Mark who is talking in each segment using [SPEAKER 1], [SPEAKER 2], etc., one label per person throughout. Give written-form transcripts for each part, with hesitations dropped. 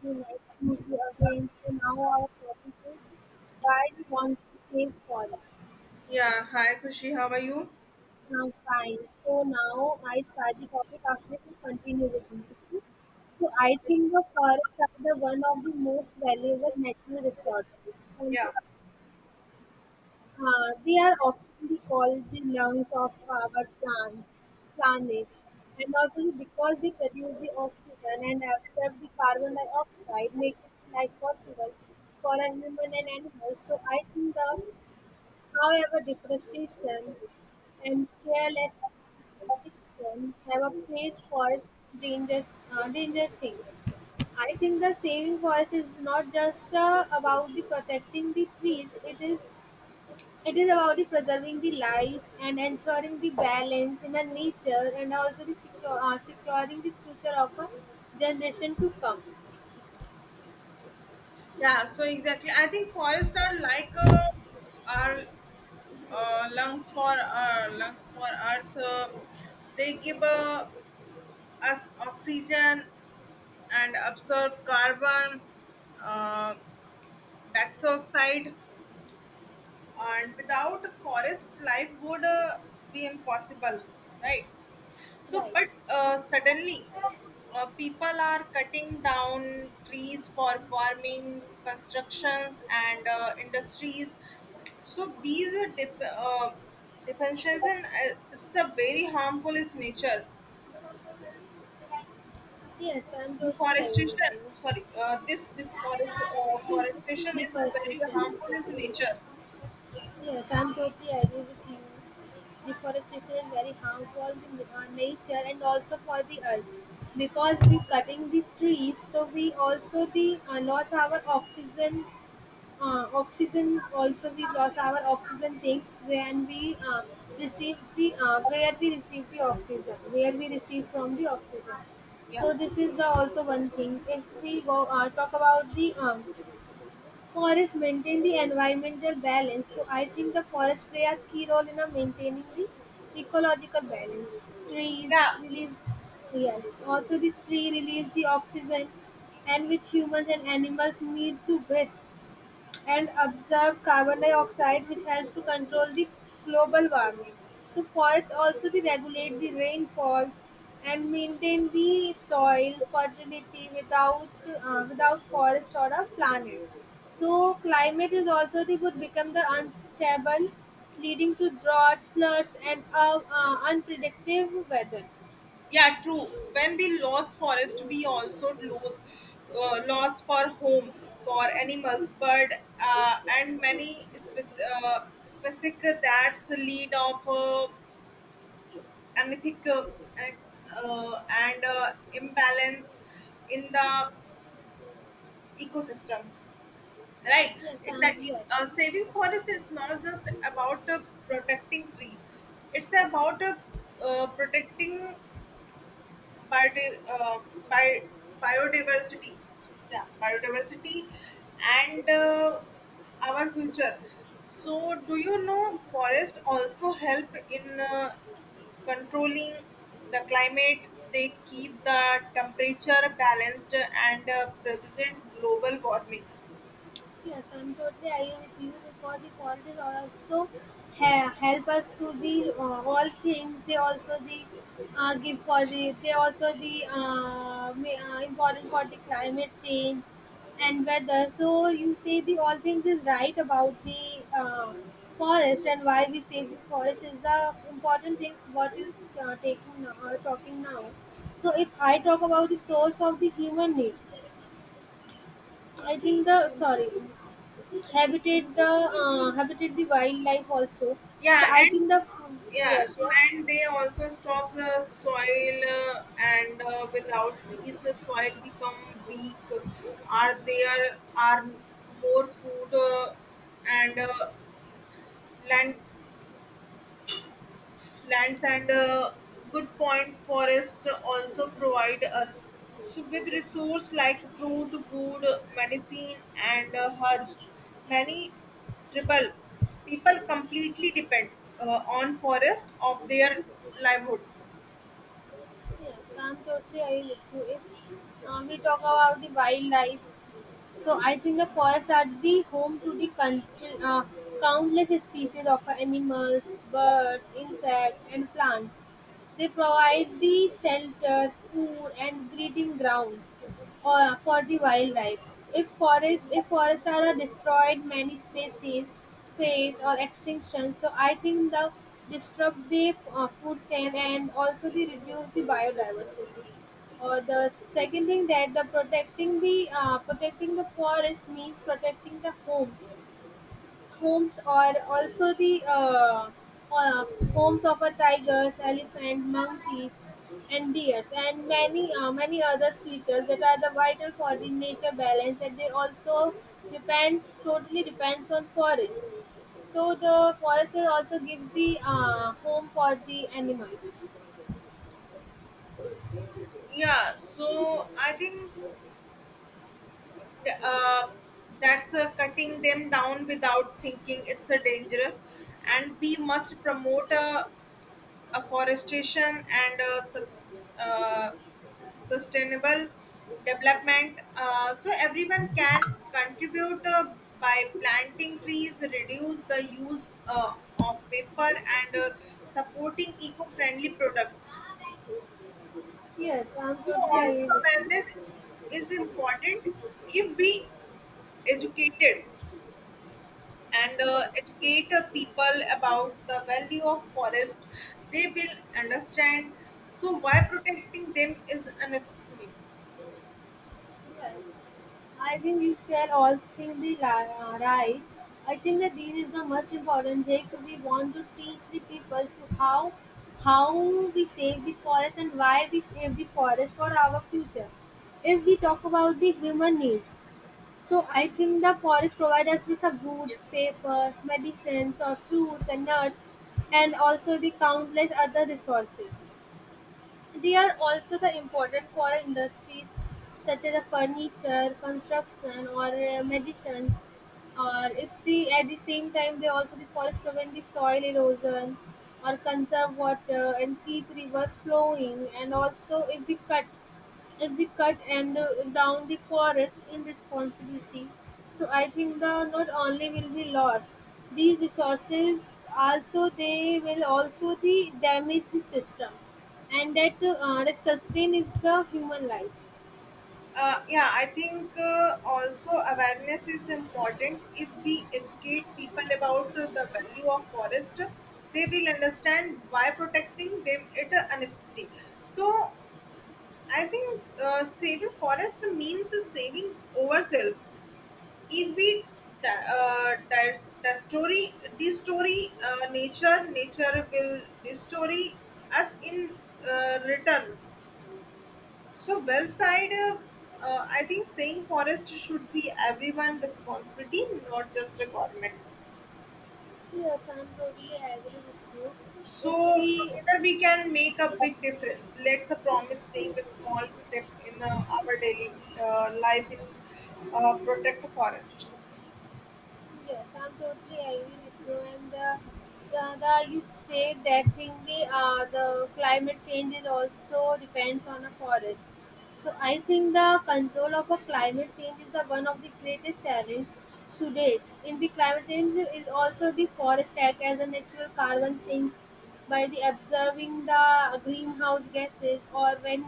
[SPEAKER 1] It was actually nice to meet you again. So now our topic is why we want to save forests.
[SPEAKER 2] Yeah, hi Kushi, how are you?
[SPEAKER 1] Now fine. So now I start the topic after you continue with you. So I think the forests are the one of the most valuable natural resources. On the
[SPEAKER 2] Yeah.
[SPEAKER 1] They are often be called the lungs of our plant, planet, and also because they produce the oxygen and absorb the carbon dioxide, making life possible for a human and animals. So I think the, however, deforestation and careless people have a place for dangerous, dangerous things. I think the saving forest is not just about the protecting the trees; it is about the preserving the life and ensuring the balance in the nature and also the secure, securing the future of a generation to come.
[SPEAKER 2] Yeah, so exactly. I think forests are like our lungs for lungs for earth. They give us oxygen and absorb carbon uh, dioxide, and without a forest life would be impossible, right? So
[SPEAKER 1] Right.
[SPEAKER 2] but suddenly people are cutting down trees for farming, constructions and industries, so these are defensions and it's a very harmful is nature.
[SPEAKER 1] Yes, I'm totally agree
[SPEAKER 2] Deforestation,
[SPEAKER 1] with you.
[SPEAKER 2] sorry. This forest forestation is a very
[SPEAKER 1] Deforestation.
[SPEAKER 2] harmful is nature.
[SPEAKER 1] Yes, I'm totally agree with you. Deforestation is very harmful to nature and also for the earth because we cutting the trees, so we also the loss our oxygen oxygen also we lost our oxygen tanks when we receive the where we receive the oxygen where we receive from the oxygen.
[SPEAKER 2] Yeah.
[SPEAKER 1] So this is the also one thing. If we go talk about the forest maintain the environmental balance, so I think the forest play a key role in maintaining the ecological balance, trees
[SPEAKER 2] Yeah.
[SPEAKER 1] release. Yes, also the tree release the oxygen, and which humans and animals need to breathe, and absorb carbon dioxide, which helps to control the global warming. The forests also they regulate the rainfalls and maintain the soil fertility without without forest or a planet. So climate is also they would become the unstable, leading to drought, floods, and unpredictable weathers.
[SPEAKER 2] Yeah, true. When we lose forest, we also lose loss for home for animals, bird, uh, and many spec- uh, specific that's lead of anything and imbalance in the ecosystem. Right,
[SPEAKER 1] Yes,
[SPEAKER 2] exactly.
[SPEAKER 1] yes.
[SPEAKER 2] Saving forest is not just about protecting trees; it's about protecting Biodi- uh, bi- biodiversity. Yeah, biodiversity and our future. So, do you know forests also help in controlling the climate? They keep the temperature balanced and prevent global warming.
[SPEAKER 1] Yes, I'm totally agree with you, because the foreigners also help us to the all things. They also the give for the they also the important for the climate change and weather. So you say the all things is right about the forest, and why we save the forest is the important thing what you taking now, or talking now. So if I talk about the source of the human needs, I think the sorry habitat the habitat the wildlife also,
[SPEAKER 2] Yeah,
[SPEAKER 1] so I
[SPEAKER 2] and
[SPEAKER 1] think the
[SPEAKER 2] yeah,
[SPEAKER 1] yes
[SPEAKER 2] so
[SPEAKER 1] yes.
[SPEAKER 2] and they also stop the soil, and without trees, the soil become weak. Are there are more food and land, lands, and good point, forest also provide us. So with resource like fruit, wood, medicine and herbs, many tribal people completely depend on forest of their livelihood.
[SPEAKER 1] Yes, I'm totally agree with you. If we talk about the wildlife, so I think the forests are the home to the country countless species of animals, birds, insects, and plants. They provide the shelter, food, and breeding grounds for the wildlife. If forests are destroyed, many species face or extinction. So I think the disrupt the food chain and also the reduce the biodiversity. Or the second thing that the protecting the protecting the forest means protecting the homes. Homes are also the uh, homes of tigers, elephants, monkeys, and deer, and many many other creatures that are the vital for the nature balance. And they also depends totally depends on forests. So the forests will also give the home for the animals.
[SPEAKER 2] Yeah, so I think th- that's cutting them down without thinking, it's a dangerous, and we must promote a afforestation and uh, sustainable development. So everyone can contribute by planting trees, reduce the use of paper, and supporting eco-friendly products.
[SPEAKER 1] Yes, I'm
[SPEAKER 2] So
[SPEAKER 1] totally
[SPEAKER 2] also
[SPEAKER 1] agree with you.
[SPEAKER 2] awareness is important if we educated and
[SPEAKER 1] Yes.
[SPEAKER 2] educate people about the value of forest, they will understand so why protecting them is unnecessary.
[SPEAKER 1] Yes. I think you tell all things the right. I think that this is the most important thing. We want to teach the people to how we save the forest and why we save the forest for our future. If we talk about the human needs, so I think the forest provide us with a wood, paper, medicines or fruits and nuts, and also the countless other resources. They are also the important for industries such as the furniture, construction, or medicines. Or if the at the same time they also the forest prevent the soil erosion or conserve water and keep river flowing, and also if we cut and down the forest in responsibility. So I think the not only will be lost, these resources also they will also the damage the system, and that the sustain is the human life.
[SPEAKER 2] Yeah, I think also awareness is important if we educate people about the value of forest, they will understand why protecting them it unnecessary. So I think saving forest means saving ourselves. If we destroy, destroy nature, nature will destroy us in return. So, well side, I think saying forest should be everyone responsibility, not just a government.
[SPEAKER 1] Yes, I'm totally agree with you. If
[SPEAKER 2] So,
[SPEAKER 1] we.
[SPEAKER 2] together we can make a big difference. Let's a promise take a small step in our daily life in protect forest.
[SPEAKER 1] Yes, I'm totally agree with you. And Sada, you say that thing the climate change is also depends on a forest. So I think the control of a climate change is the one of the greatest challenge today. In the climate change is also the forest act as a natural carbon sinks by the observing the greenhouse gases. Or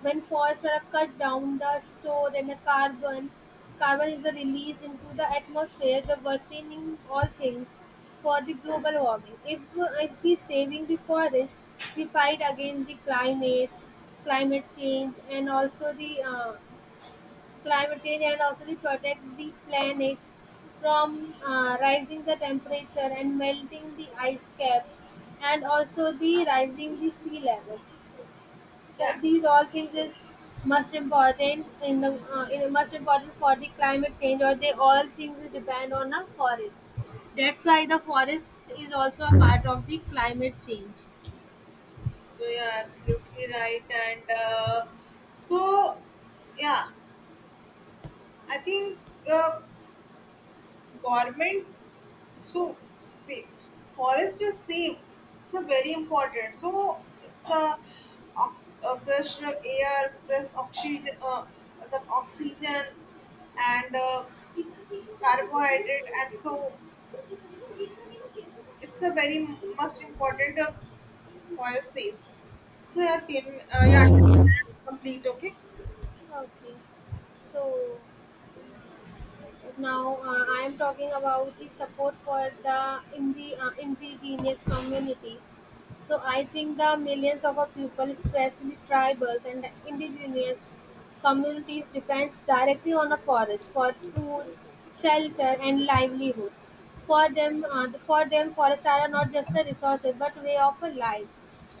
[SPEAKER 1] when forests are cut down, the store and the carbon carbon is released into the atmosphere, the worsening all things for the global warming. If we saving the forest, we fight against the climates, climate change, and also the climate change, and also the protect the planet from rising the temperature and melting the ice caps, and also the rising the sea level,
[SPEAKER 2] Yeah.
[SPEAKER 1] that these all things is most important in the in, most important for the climate change, or they all things depend on a forest. That's why the forest is also a part of the climate change.
[SPEAKER 2] So yeah, absolutely right. And so yeah, I think uh, government so safe forest is safe. It's a very important. So it's a, a fresh air, fresh oxygen, the oxygen and carbohydrate, and so it's a very most important forest safe. So yeah, team, yeah, complete. Okay.
[SPEAKER 1] Okay. So now I am talking about the support for the in the indigenous communities. So I think the millions of our people, especially tribals and indigenous communities, depends directly on the forest for food, shelter, and livelihood. For them, forests are not just a resource but way of a life.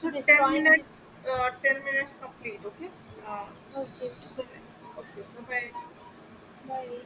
[SPEAKER 1] To
[SPEAKER 2] 10
[SPEAKER 1] destroying this,
[SPEAKER 2] minutes, 10 minutes complete, okay?
[SPEAKER 1] okay,
[SPEAKER 2] So, next. Okay, bye bye.
[SPEAKER 1] bye.